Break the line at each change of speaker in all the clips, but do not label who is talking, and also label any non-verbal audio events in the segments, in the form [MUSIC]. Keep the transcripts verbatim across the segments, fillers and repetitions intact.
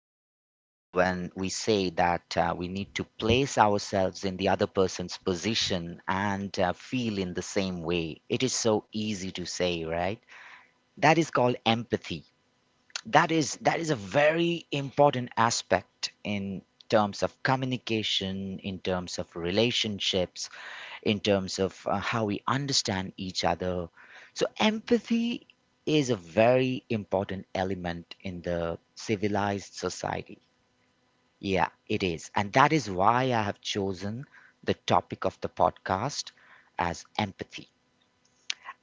to be wonderful when we say that uh, we need to place ourselves in the other person's position and uh, feel in the same way. It is so easy to say, right? That is called empathy. That is that is a very important aspect in terms of communication, in terms of relationships, in terms of uh, how we understand each other. So empathy is a very important element in the civilized society. Yeah, it is. And that is why I have chosen the topic of the podcast as empathy.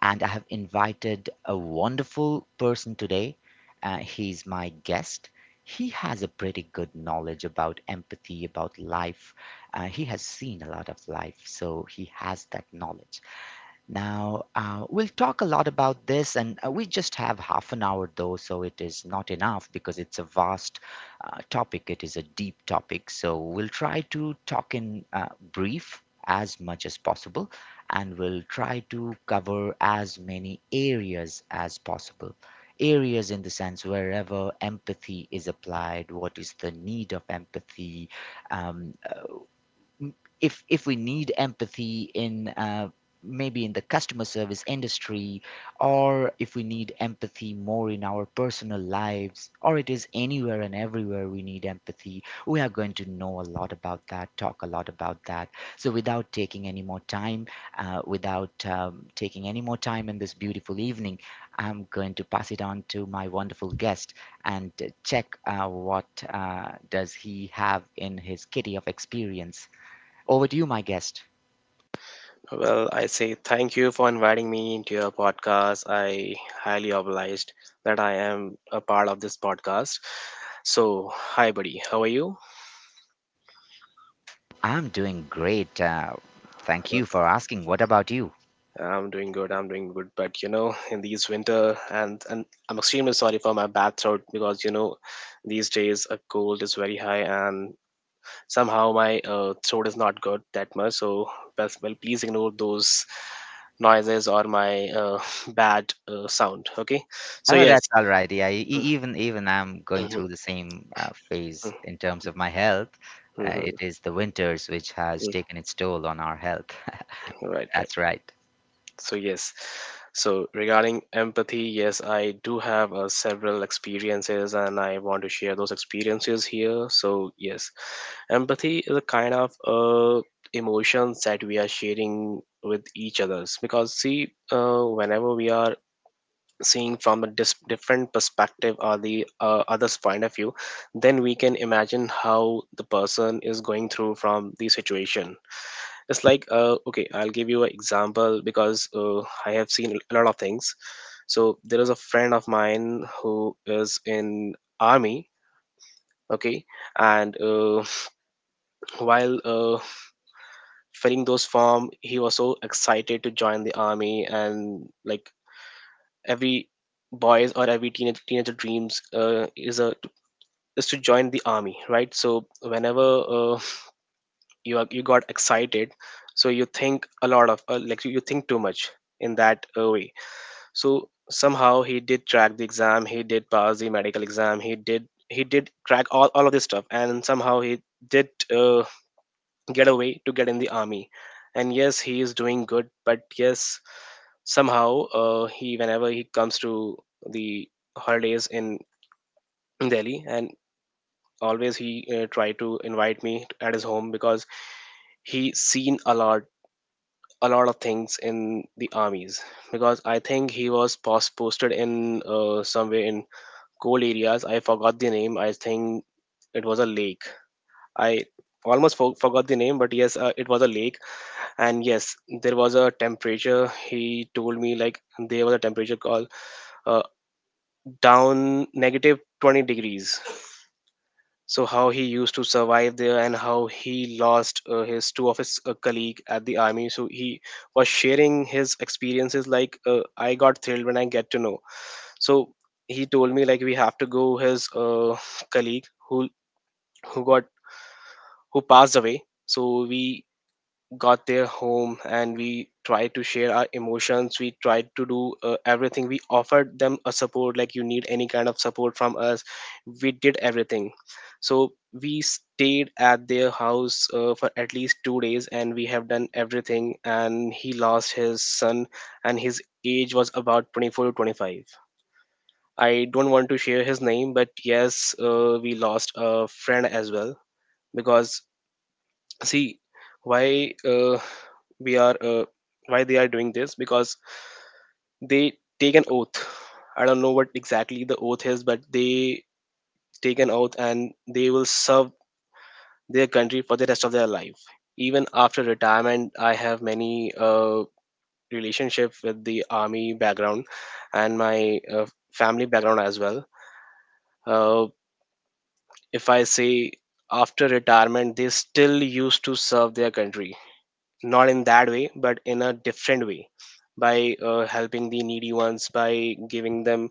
And I have invited a wonderful person today. Uh, he's my guest. He has a pretty good knowledge about empathy, about life. Uh, he has seen a lot of life, so he has that knowledge. Now, uh, we'll talk a lot about this, and uh, we just have half an hour though, so it is not enough because it's a vast uh, topic. It is a deep topic. So we'll try to talk in uh, brief as much as possible, and we'll try to cover as many areas as possible. Areas in the sense wherever empathy is applied, what is the need of empathy, um, m- if if we need empathy in uh, maybe in the customer service industry, or if we need empathy more in our personal lives, or it is anywhere and everywhere we need empathy, we are going to know a lot about that, talk a lot about that. So without taking any more time, uh, without um, taking any more time in this beautiful evening, I'm going to pass it on to my wonderful guest, and uh, check uh, what uh, does he have in his kitty of experience. Over to you, my guest.
Well, I say thank you for inviting me into your podcast. I highly obliged that I am a part of this podcast. So, hi buddy, how are you?
I'm doing great. Uh, thank you for
Okay.
asking. What about you?
I'm doing good. I'm doing good, but you know, in these winter and and I'm extremely sorry for my bad throat because you know, these days a cold is very high and somehow my uh, throat is not good that much. So, best- well, please ignore those noises or my uh, [LAUGHS] bad uh, sound. Okay. So
Oh,
yes.
that's all right. Yeah, e- e-, even even I'm going through the same uh, phase
[LAUGHS]
in terms of my health. Uh,
Mhm,
it is the winters which has
mm,
taken its toll on our health.
right,
[LAUGHS]
right.
That's right.
So yes. So regarding empathy, yes, I do have uh, several experiences and I want to share those experiences here. So yes, empathy is a kind of uh, emotions that we are sharing with each others because see, uh, whenever we are seeing from a dis- different perspective or the uh, other's point of view, then we can imagine how the person is going through from the situation. It's like uh, okay, I'll give you an example because uh, I have seen a lot of things. So there is a friend of mine who is in army. Okay. And uh, [SNIFFS] while uh, filling those form, he was so excited to join the army. And like every boys or every teenage teenager dreams uh, is a is to join the army, right? So whenever uh, you are, you got excited, so you think a lot of uh, like you you think too much in that uh, way. So somehow he did crack the exam, he did pass the medical exam, he did he did crack all, all of this stuff, and somehow he did uh, get away to get in the army. And yes, he is doing good. But yes, somehow uh, he whenever he comes to the holidays in Delhi, and always he uh, try to invite me at his home because he seen a lot a lot of things in the armies because I think he was pos- posted in uh, somewhere in cold areas. I forgot the name. I think it was a lake. I almost for- forgot the name, but yes, uh, it was a lake. And yes, there was a temperature. He told me like there was a temperature called uh, down negative twenty degrees. So how he used to survive there, and how he lost uh, his two of his uh, colleague at the army. So he was sharing his experiences. Like uh, I got thrilled when I get to know. So he told me like we have to go his uh, colleague who who got who passed away. So we got their home and we tried to share our emotions, we tried to do uh, everything, we offered them a support, like you need any kind of support from us, we did everything. So we stayed at their house uh, for at least two days, and we have done everything, and he lost his son. And his age was about twenty-four to twenty-five. I don't want to share his name, but yes, uh, we lost a friend as well. Because see, why uh, we are uh, why they are doing this? Because they take an oath. I don't know what exactly the oath is, but they take an oath and they will serve their country for the rest of their life. Even after retirement, I have many uh, relationship with the army background, and my uh, family background as well. uh, if I say, after retirement they still used to serve their country, not in that way but in a different way, by uh, helping the needy ones, by giving them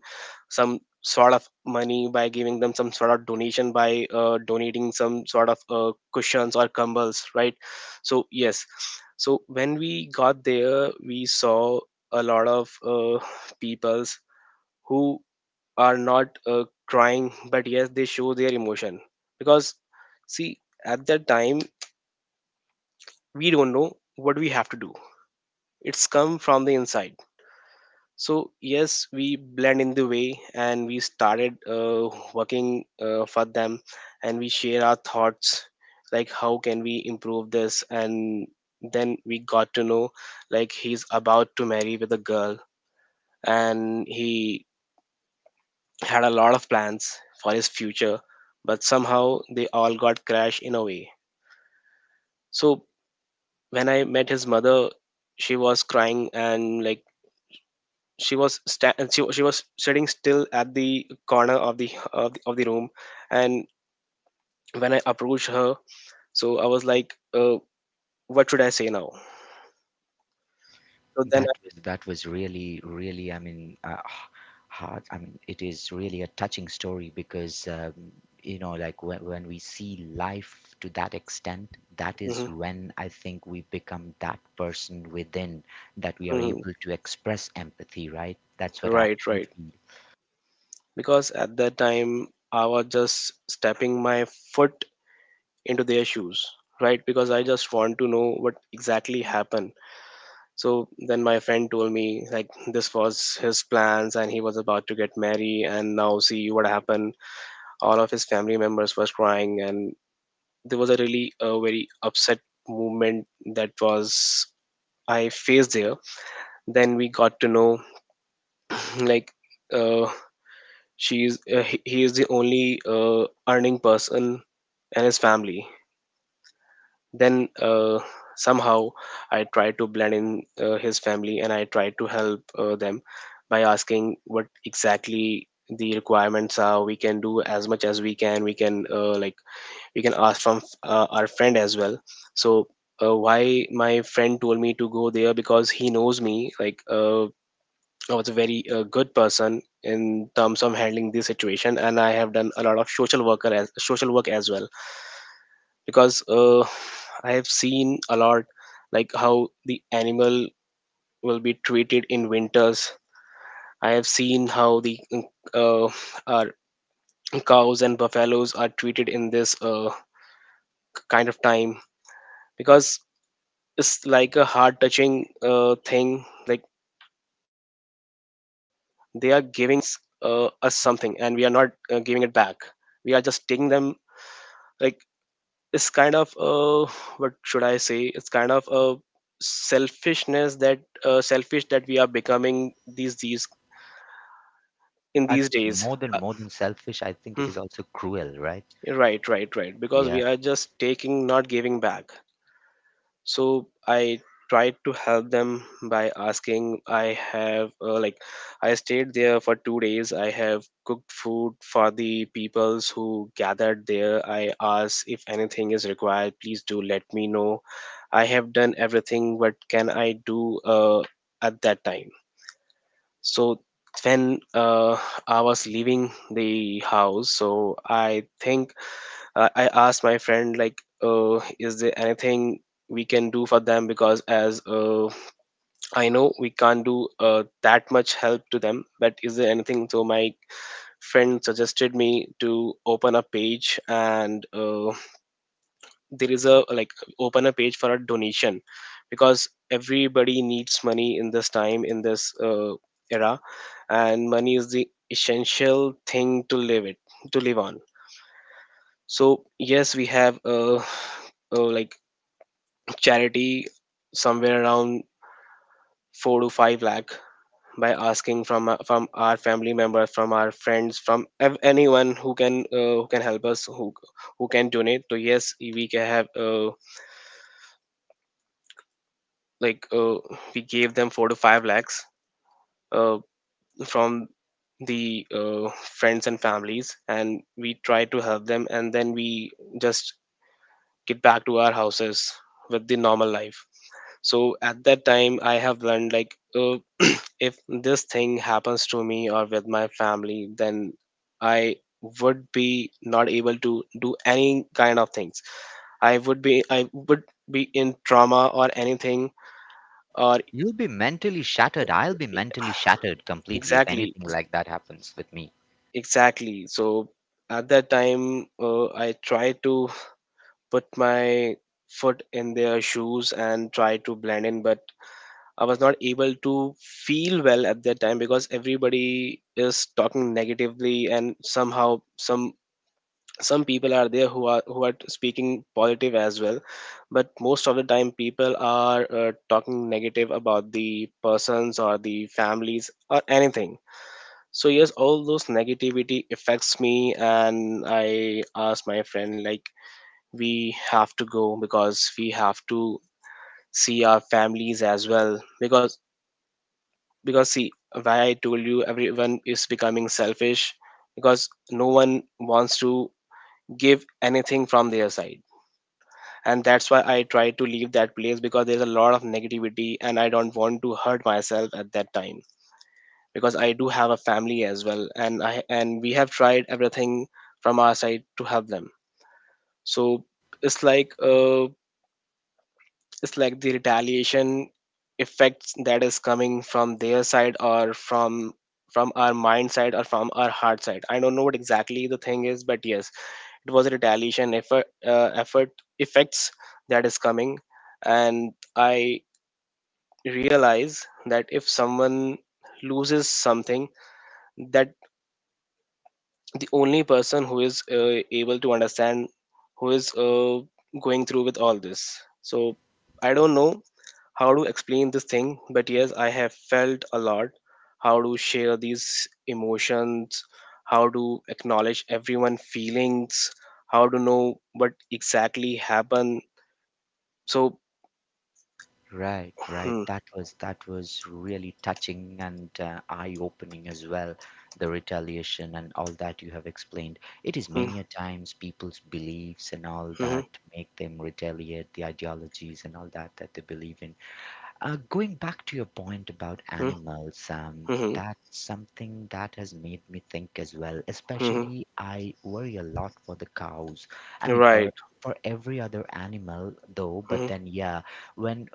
some sort of money, by giving them some sort of donation, by uh, donating some sort of uh, cushions or cumbles, right. So yes, so when we got there, we saw a lot of uh, peoples who are not uh, crying, but yes, they show their emotion. Because see, at that time, we don't know what we have to do. It's come from the inside. So yes, we blend in the way and we started uh, working uh, for them, and we share our thoughts, like how can we improve this. And then we got to know, like he's about to marry with a girl and he had a lot of plans for his future, but somehow they all got crashed in a way. So when I met his mother, she was crying, and like she was sta- she, wa- she was sitting still at the corner of the of the, of the room. And when I approached her, so I was like uh, what should I say now? So then
That
I,
was that was really, really, I mean, uh, h- hard. I mean, it is really a touching story because um, you know, like when when we see life to that extent, that is
mhm,
when I think we become that person within, that we are
mhm.
able to express empathy, right? That's what I,
Right,
I
right.
feel.
Because at that time, I was just stepping my foot into their shoes. Right, because I just want to know what exactly happened. So then my friend told me like this was his plans and he was about to get married, and now see what happened. All of his family members was crying, and there was a really uh, very upset movement that was I faced there. Then we got to know [CLEARS THROAT] like uh, she's uh, he he is the only uh, earning person and his family. Then uh, somehow I tried to blend in uh, his family, and I tried to help uh, them by asking what exactly the requirements are. We can do as much as we can. We can uh, like we can ask from uh, our friend as well. So uh, why my friend told me to go there, because he knows me like uh, I was a very uh, good person in terms of handling this situation, and I have done a lot of social worker as social work as well. Because uh, I have seen a lot, like how the animal will be treated in winters. I have seen how the uh, our cows and buffaloes are treated in this uh, kind of time, because it's like a heart touching uh, thing. Like they are giving uh, us something, and we are not uh, giving it back. We are just taking them. Like it's kind of uh, what should I say, it's kind of a selfishness, that uh, selfish that we are becoming these these in
And
these days.
more than
uh,
more than selfish, I think it
hmm,
is also cruel, right?
right, right, right. Because
Yeah,
we are just taking, not giving back. So I tried to help them by asking. I have uh, like, I stayed there for two days. I have cooked food for the peoples who gathered there. I asked if anything is required, please do let me know. I have done everything. What can I do uh, at that time? So when uh, I was leaving the house, so I think I I asked my friend like, uh, is there anything we can do for them? Because as uh, I know we can't do uh, that much help to them, but is there anything? So my friend suggested me to open a page, and uh, there is a like, open a page for a donation, because everybody needs money in this time, in this uh, era, and money is the essential thing to live it to live on. So yes, we have uh, uh, like, charity somewhere around four to five lakh, by asking from our- from our family members, from our friends, from ev- anyone who can uh, who can help us, who who can donate. So yes, we can have uh, like uh, we gave them four to five lakhs uh, from the uh, friends and families, and we try to help them. And then we just get back to our houses with the normal life. So at that time, I have learned like uh, if this thing happens to me or with my family, then I would be not able to do any kind of things. i would be I would be in trauma or anything. Or
you'll be mentally shattered. I'll be mentally shattered completely if
exactly,
anything like that happens with me.
exactly. So at that time, uh, I try to put my foot in their shoes and try to blend in. But I was not able to feel well at that time because everybody is talking negatively, and somehow some some people are there who are who are speaking positive as well. But most of the time, people are uh, talking negative about the persons or the families or anything. So yes, all those negativity affects me, and I ask my friend like, we have to go because we have to see our families as well. Because because see, why I told you everyone is becoming selfish, because no one wants to give anything from their side. And that's why I try to leave that place, because there's a lot of negativity and I don't want to hurt myself at that time, because I do have a family as well. And I and we have tried everything from our side to help them. So it's like uh, it's like the retaliation effects that is Coming from their side, or from from our mind side, or from our heart side, I don't know what exactly the thing is, but yes, it was a retaliation effort, uh, effort effects, that is coming. And I realize that if someone loses something, that the only person who is uh, able to understand, who is uh, going through with all this. So I don't know how to explain this thing, but yes, I have felt a lot. How to share these emotions, how to acknowledge everyone feelings, how to know what exactly happened. So,
Right, right.
hmm,
That was that was really touching and uh, eye-opening as well, the retaliation and all that you have explained. It is
hmm,
many a times people's beliefs and all
hmm,
that make them retaliate, the ideologies and all that that they believe in. Uh, going back to your point about
hmm,
animals, um,
hmm,
that's something that has made me think as well.
hmm,
Especially, I worry a lot for the cows. I
hmm,
mean, for
right.
for every other animal though. But
Hmm,
then, yeah, when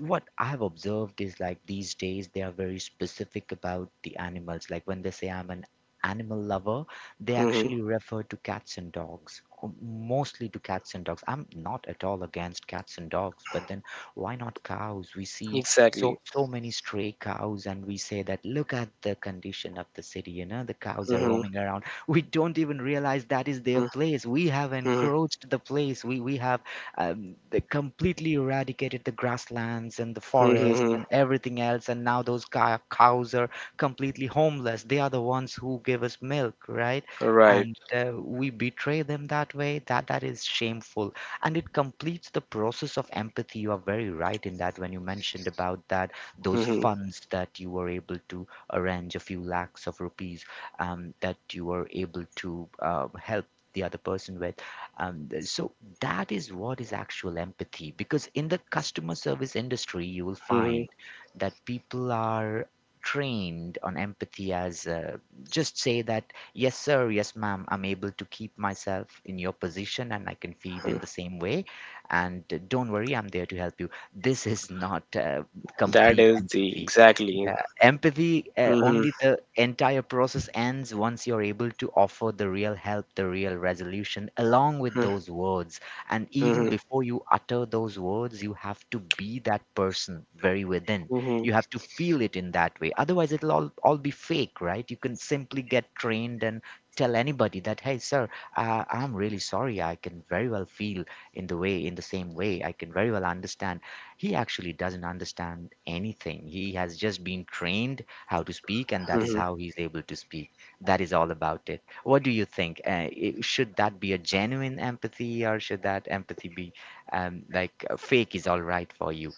what I have observed is like these days they are very specific about the animals. Like when they say I'm an animal lover, they
hmm, hmm,
actually refer to cats and dogs, or mostly to cats and dogs. I'm not at all against cats and dogs, but then why not cows? We see so
exactly.
so many stray cows, and we say that look at the condition of the city. You know the cows are
Hmm,
roaming around. We don't even realize that is their
hmm,
place. We have
hmm,
encroached the place. We we have um, They completely eradicated the grasslands and the
hmm, hmm,
forests
hmm,
and everything else, and now those cow- cows are completely homeless. They are the ones who give us milk, right?
right.
And uh, we betray them that way. That that is shameful, and it completes the process of empathy. You are very right in that when you mentioned about that those
Hmm, hmm,
funds that you were able to arrange, a few lakhs of rupees, um, that you were able to uh, help the other person with, um, th- so that is what is actual empathy. Because in the customer service industry, you will
hmm. Hmm,
find that people are trained on empathy as uh, just say that, yes, sir. Yes, ma'am. I'm able to keep myself in your position, and I can feel
hmm,
in the same way. And uh, don't worry, I'm there to help you. This is not uh,
that
complete
is the
empathy.
exactly.
Yeah, empathy, uh,
Hmm, hmm,
only the entire process ends once you're able to offer the real help, the real resolution, along with
hmm,
those words. And
hmm,
even
hmm.
before you utter those words, you have to be that person very within.
Hmm,
You have to feel it in that way. Otherwise, it'll all, all be fake, right? You can simply get trained and tell anybody that, hey sir, uh, I'm really sorry. I can very well feel in the way in the same way. I can very well understand. He actually doesn't understand anything. He has just been trained how to speak, and
hmm,
that is
hmm.
how he's able to speak. That is all about it. What do you think, uh, i- should that be a genuine empathy, or should that empathy be um, like, uh, fake is all right for you?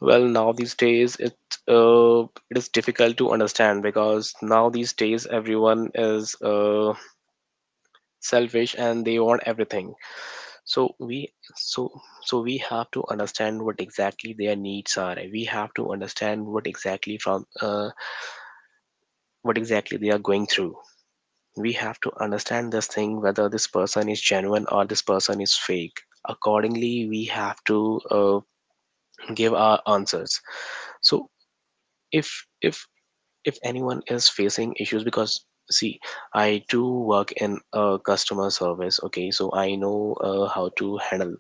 Well, now these days it uh, it is difficult to understand, because now these days everyone is uh, selfish and they want everything. so we so so we have to understand what exactly their needs are. We have to understand what exactly from uh, what exactly they are going through. We have to understand this thing, whether this person is genuine or this person is fake. Accordingly we have to uh, give our answers. So if if if anyone is facing issues, because see, I do work in uh, customer service, okay? So I know uh, how to handle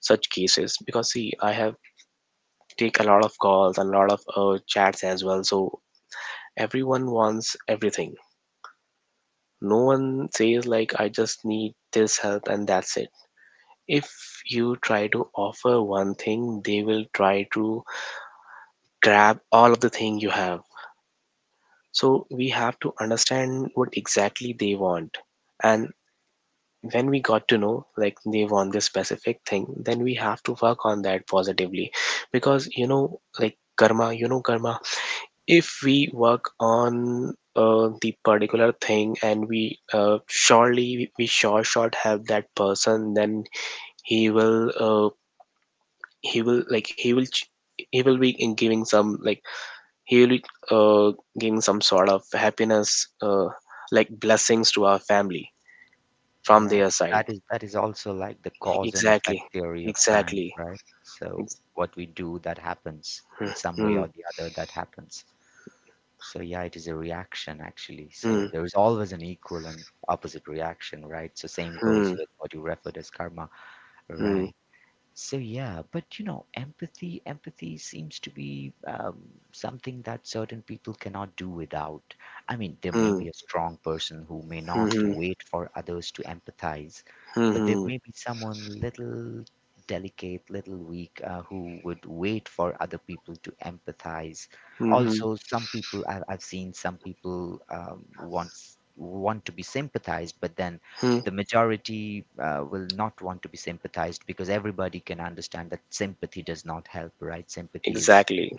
such cases, because see, I have take a lot of calls, a lot of uh, chats as well. So everyone wants everything. No one says like I just need this help and that's it. If you try to offer one thing, they will try to grab all of the thing you have. So we have to understand what exactly they want. And when we got to know like they want this specific thing, then we have to work on that positively. Because you know like karma, you know karma, if we work on uh, the particular thing, and we uh, surely, we sure shot have that person, then he will uh, he will like he will ch- he will be in giving some, like, he will be uh, giving some sort of happiness, uh, like blessings to our family from
Right.
their side.
That is that is also like the cause and effect
Exactly.
theory of science,
Exactly.
right? So
Ex-
what we do, that happens in some way
hmm,
or the other, that happens. So yeah, it is a reaction actually. So
hmm,
there is always an equal and opposite reaction, right? So same goes
hmm,
with what you referred as karma,
hmm,
right? So yeah, but you know, empathy empathy seems to be um, something that certain people cannot do without. I mean, there may
hmm,
be a strong person who may
hmm,
not to
hmm,
wait for others to empathize, but there
hmm,
may be someone little delicate, little weak, uh, who would wait for other people to empathize.
hmm, hmm.
Also, some people I've, I've seen some people um, wants want to be sympathized, but then
Hmm.
the majority uh, will not want to be sympathized, because everybody can understand that sympathy does not help, right? Sympathy is
Exactly.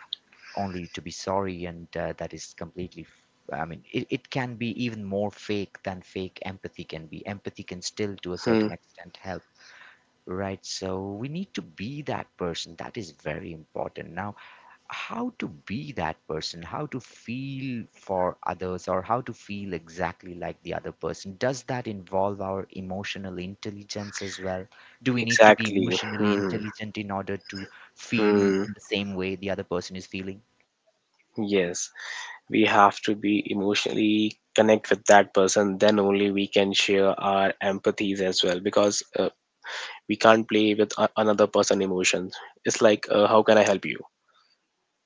only to be sorry, and uh, that is completely. f- I mean, it, it can be even more fake than fake empathy can be. Empathy can still, to a
Hmm.
certain extent, help, right? So we need to be that person. That is very important. Now, how to be that person, how to feel for others, or how to feel exactly like the other person. Does that involve our emotional intelligence as well? Do we need to be
Exactly.
emotionally
Hmm.
intelligent in order to feel
Hmm.
in the same way the other person is feeling?
Yes, we have to be emotionally connect with that person. Then only we can share our empathies as well, because uh, we can't play with a- another person' emotions. It's like, uh, how can I help you?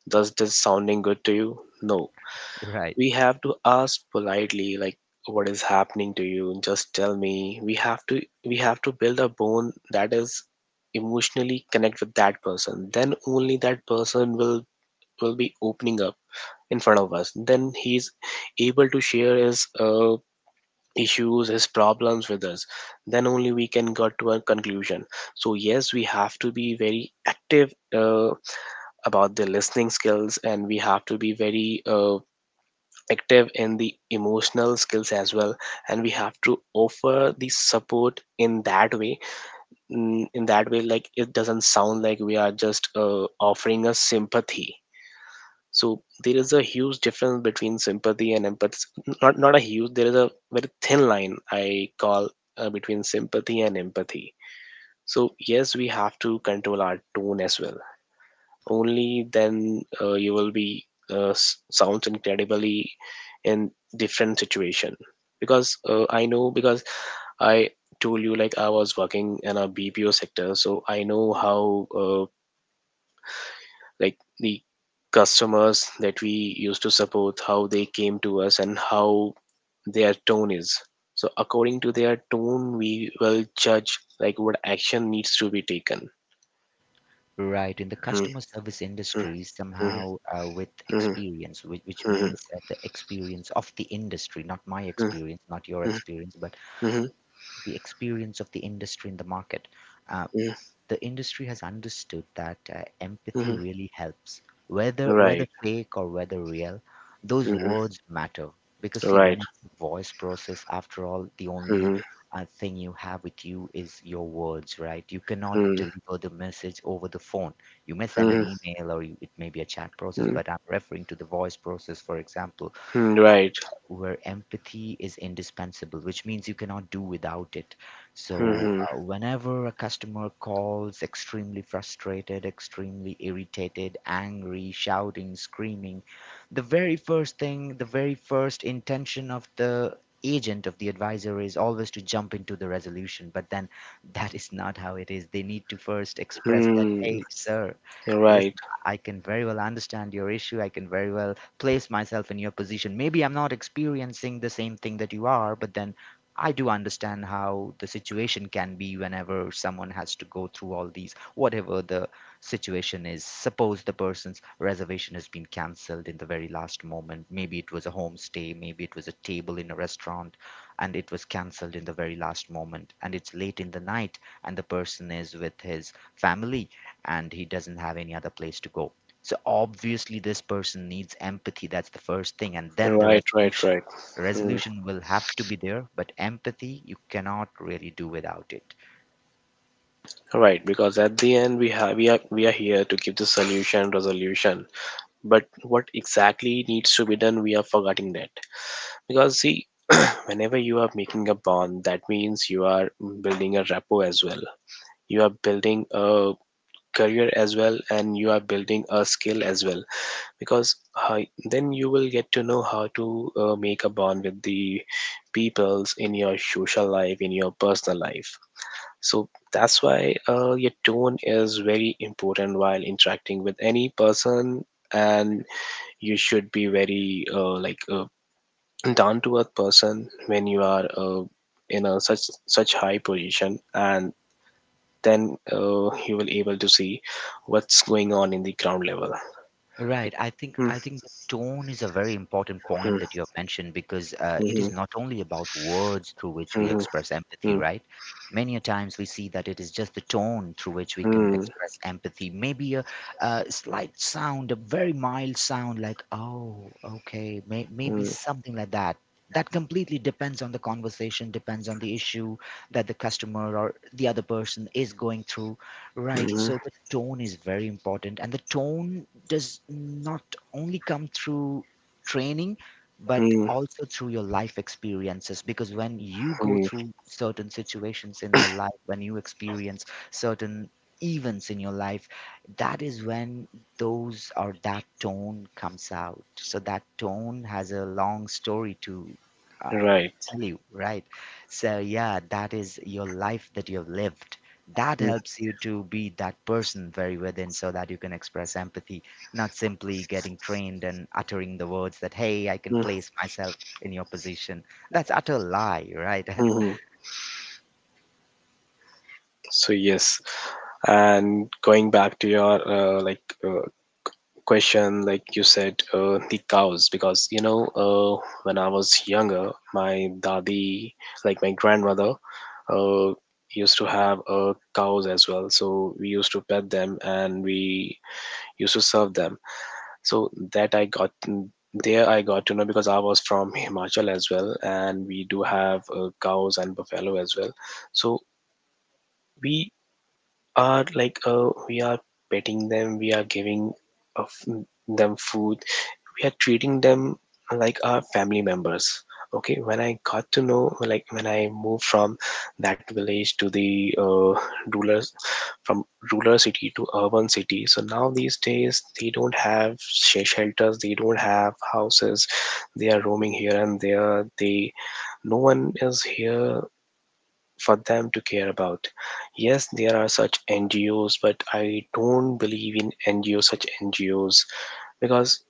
Does this sounding good to you? No.
Right.
We have to ask politely, like, what is happening to you? Just tell me. We have to we have to build a bond that is emotionally connect with that person. Then only that person will will be opening up in front of us, then he's able to share his uh, issues, his problems with us. Then only we can get to a conclusion. So yes, we have to be very active uh, about the listening skills, and we have to be very uh, active in the emotional skills as well, and we have to offer the support in that way. Mm, in that way, like it doesn't sound like we are just uh, offering a sympathy. So there is a huge difference between sympathy and empathy. Not not a huge. There is a very thin line I call uh, between sympathy and empathy. So yes, we have to control our tone as well. Only then uh, you will be uh, s- sounds incredibly in different situation. Because uh, I know, because I told you, like, I was working in a B P O sector, so I know how, uh, like, the customers that we used to support, how they came to us, and how their tone is. So according to their tone, we will judge like what action needs to be taken.
Right. In the
Mhm,
customer service
mhm,
industry,
mhm,
somehow uh, with
mhm,
experience, which, which
mhm,
means uh, the experience of the industry, not my
mhm,
experience, not your
mhm,
experience, but
mhm,
the experience of the industry in the market, uh,
mhm,
the industry has understood that uh, empathy
mhm.
really helps, whether whether
Right.
fake or whether real, those
Mhm,
words matter. Because see,
right.
when it's voice process, after all, the only
Mhm,
uh, thing you have with you is your words, right? You cannot
mhm,
deliver the message over the phone. You may send an
mhm,
email, or you, it may be a chat process,
mhm,
but I'm referring to the voice process, for example,
mhm, right.
where empathy is indispensable, which means you cannot do without it. So,
Mhm,
uh, whenever a customer calls extremely frustrated, extremely irritated, angry, shouting, screaming, the very first thing, the very first intention of the agent of the advisor is always to jump into the resolution. But then that is not how it is. They need to first express that,
mhm.
hey sir,
Right,
listen, I can very well understand your issue. I can very well place myself in your position. Maybe I'm not experiencing the same thing that you are, but then I do understand how the situation can be whenever someone has to go through all these, whatever the situation is. Suppose the person's reservation has been cancelled in the very last moment. Maybe it was a homestay, maybe it was a table in a restaurant, and it was cancelled in the very last moment. And it's late in the night, and the person is with his family, and he doesn't have any other place to go. So obviously, this person needs empathy. That's the first thing, and then the
right, right,
resolution.
right.
Resolution will have to be there, but empathy you cannot really do without it.
Right, because at the end, we have we are, we are here to give the solution resolution, but what exactly needs to be done, we are forgetting that. Because see, [CLEARS THROAT] whenever you are making a bond, that means you are building a rapport as well. You are building a career as well, and you are building a skill as well. Because uh, then you will get to know how to uh, make a bond with the peoples in your social life, in your personal life. So that's why uh, your tone is very important while interacting with any person, and you should be very, uh, like, a down to earth person when you are uh, in a such such high position, and then uh, you will able to see what's going on in the ground level.
Right. I think
Hmm,
I think the tone is a very important point
hmm,
that you have mentioned, because uh, it
hmm,
is not only about words through which we
hmm,
express empathy,
hmm,
right? Many a times we see that it is just the tone through which we can
hmm,
express empathy. Maybe a, a slight sound, a very mild sound, like "oh, okay," may, maybe something like that. That completely depends on the conversation, depends on the issue that the customer or the other person is going through. Right.
hmm,
So the tone is very important, and the tone does not only come through training, but
hmm, hmm,
also through your life experiences. Because when you go
hmm.
through certain situations in your life, when you experience certain events in your life, that is when those or that tone comes out. So that tone has a long story to. uh,
Right.
tell you, right? So, yeah, that is your life that you've lived. That helps you to be that person very within so that you can express empathy, not simply getting trained and uttering the words that, hey, I can place myself in your position. That's utter lie, right?
Mhm. So yes, and going back to your, uh, like uh, question, like you said, uh, the cows, because you know, uh, when I was younger, my dadi, like my grandmother, uh, used to have uh, cows as well. So we used to pet them, and we used to serve them. So that I got there, I got to know, because I was from Himachal as well, and we do have uh, cows and buffalo as well. So we are, like, uh, we are petting them, we are giving of them food, we are treating them like our family members. Okay, when I got to know, like, when I moved from that village to the, uh, rural from rural city to urban city, so now these days they don't have sh- shelters, they don't have houses, they are roaming here and there, they no one is here for them to care about. Yes, there are such N G Os, but I don't believe in N G Os, such N G Os, because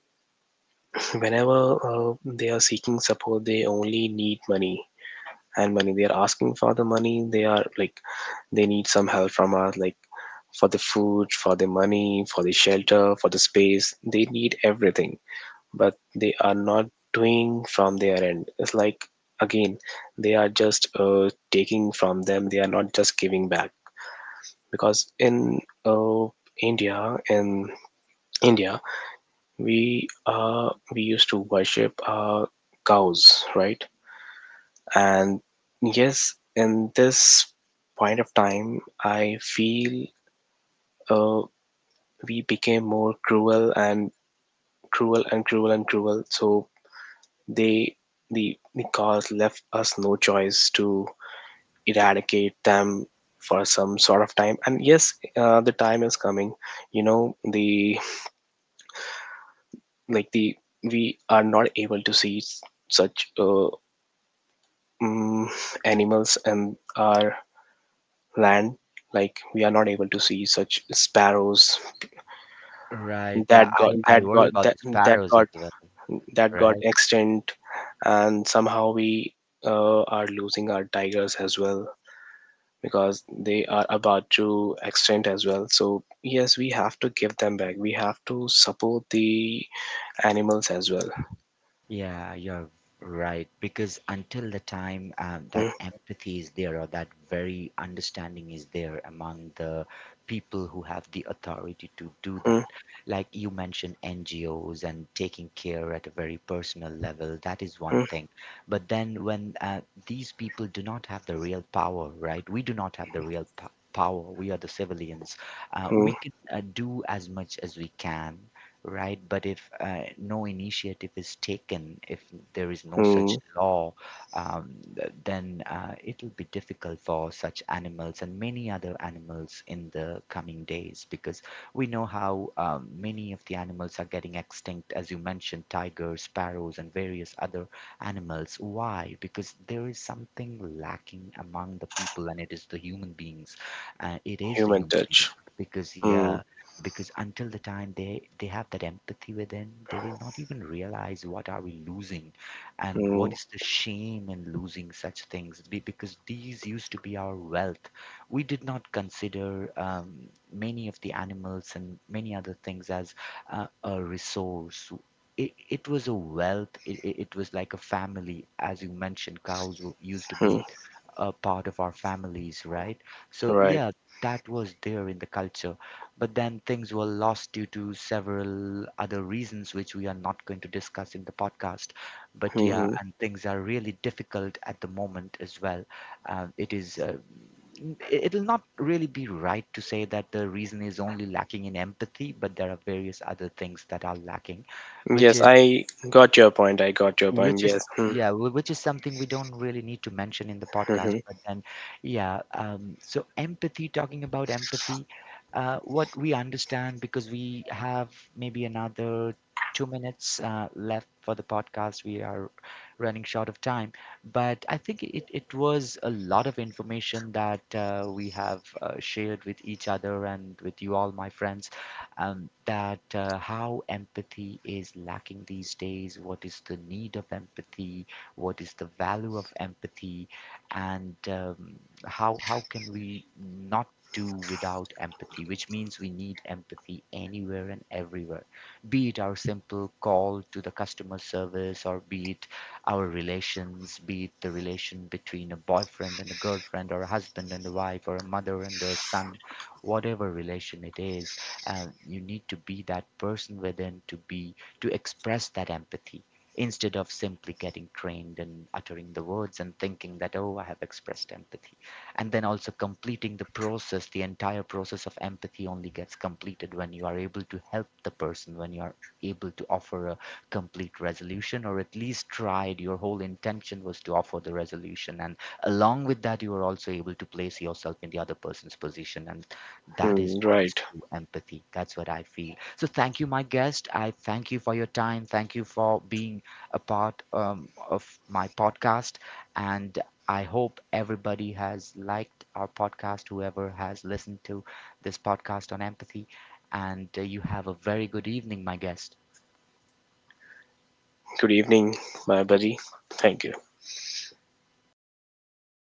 [LAUGHS] whenever uh, they are seeking support, they only need money and money. They are asking for the money. They are like, they need some help from us, like, for the food, for the money, for the shelter, for the space. They need everything, but they are not doing from their end. It's like, again, they are just uh, taking from them, they are not just giving back. Because in uh, India, in India, we uh, we used to worship uh, cows, right? And yes, in this point of time, I feel uh, we became more cruel and cruel and cruel and cruel. So they the the cows left us no choice to eradicate them for some sort of time. And yes, uh, the time is coming. You know the, like the, we are not able to see s- such uh, mm, animals and our land, like we are not able to see such sparrows
[LAUGHS] Right.
that
uh, I,
got
I
that
worry
got
about
that
the
that
sparrows as
got
well,
that got
right?
extinct, and somehow we uh, are losing our tigers as well, because they are about to extinct as well. So yes, we have to give them back, we have to support the animals as well.
Yeah, you're right. Because until the time uh, that empathy is there or that very understanding is there among the people who have the authority to do
Mhm,
that, like you mentioned, N G Os and taking care at a very personal level, that is one thing. But then when uh, these people do not have the real power, right? We do not have the real po- power. We are the civilians. Uh, we
mhm,
can uh, do as much as we can, right? But if uh, no initiative is taken, if there is no
mhm.
such law, um, th- then uh, it'll be difficult for such animals and many other animals in the coming days, because we know how um, many of the animals are getting extinct, as you mentioned, tigers, sparrows, and various other animals. Why? Because there is something lacking among the people, and it is the human beings. Uh, it is the
Human
human beings,
touch.
because yeah,
Mm,
because until the time they they have that empathy within, they will not even realize what are we losing and what
mm,
is the shame in losing such things. Be- because these used to be our wealth. We did not consider um, many of the animals and many other things as uh, a resource. It, it was a wealth. It, it it was like a family. As you mentioned, cows w- used to
mm,
be a part of our families, right? So
right.
yeah, that was there in the culture, but then things were lost due to several other reasons, which we are not going to discuss in the podcast. But yeah,
Hmm.
and things are really difficult at the moment as well. Uh, it is, uh, n- it- it'll not really be right to say that the reason is only lacking in empathy, but there are various other things that are lacking, which
Yes,
is
I got your point. I got your point.
which is
Yes. Mm-hmm.
yeah, wh- which is something we don't really need to mention in the
Mm-hmm.
podcast,
Mm,
but then yeah, um, so empathy, talking about empathy, uh, what we understand, because we have maybe another two minutes uh, left for the podcast. We are running short of time, but I think it, it was a lot of information that uh, we have uh, shared with each other and with you all, my friends, um, that uh, how empathy is lacking these days, what is the need of empathy, what is the value of empathy, and um, how how can we not do without empathy, which means we need empathy anywhere and everywhere, be it our simple call to the customer service, or be it our relations, be it the relation between a boyfriend and a girlfriend, or a husband and a wife, or a mother and a son, whatever relation it is, uh, you need to be that person within, to be, to express that empathy instead of simply getting trained and uttering the words and thinking that, oh, I have expressed empathy. And then also completing the process, the entire process of empathy only gets completed when you are able to help the person, when you are able to offer a complete resolution, or at least tried, your whole intention was to offer the resolution, and along with that you are also able to place yourself in the other person's position, and
hmm,
that is
hmm.
what is
Right.
true empathy. That's what I feel. So thank you, my guest. I thank you for your time. Thank you for being a part um, of my podcast. And I hope everybody has liked our podcast, whoever has listened to this podcast on empathy. And uh, you have a very good evening, my guest.
Good evening, my buddy. Thank you.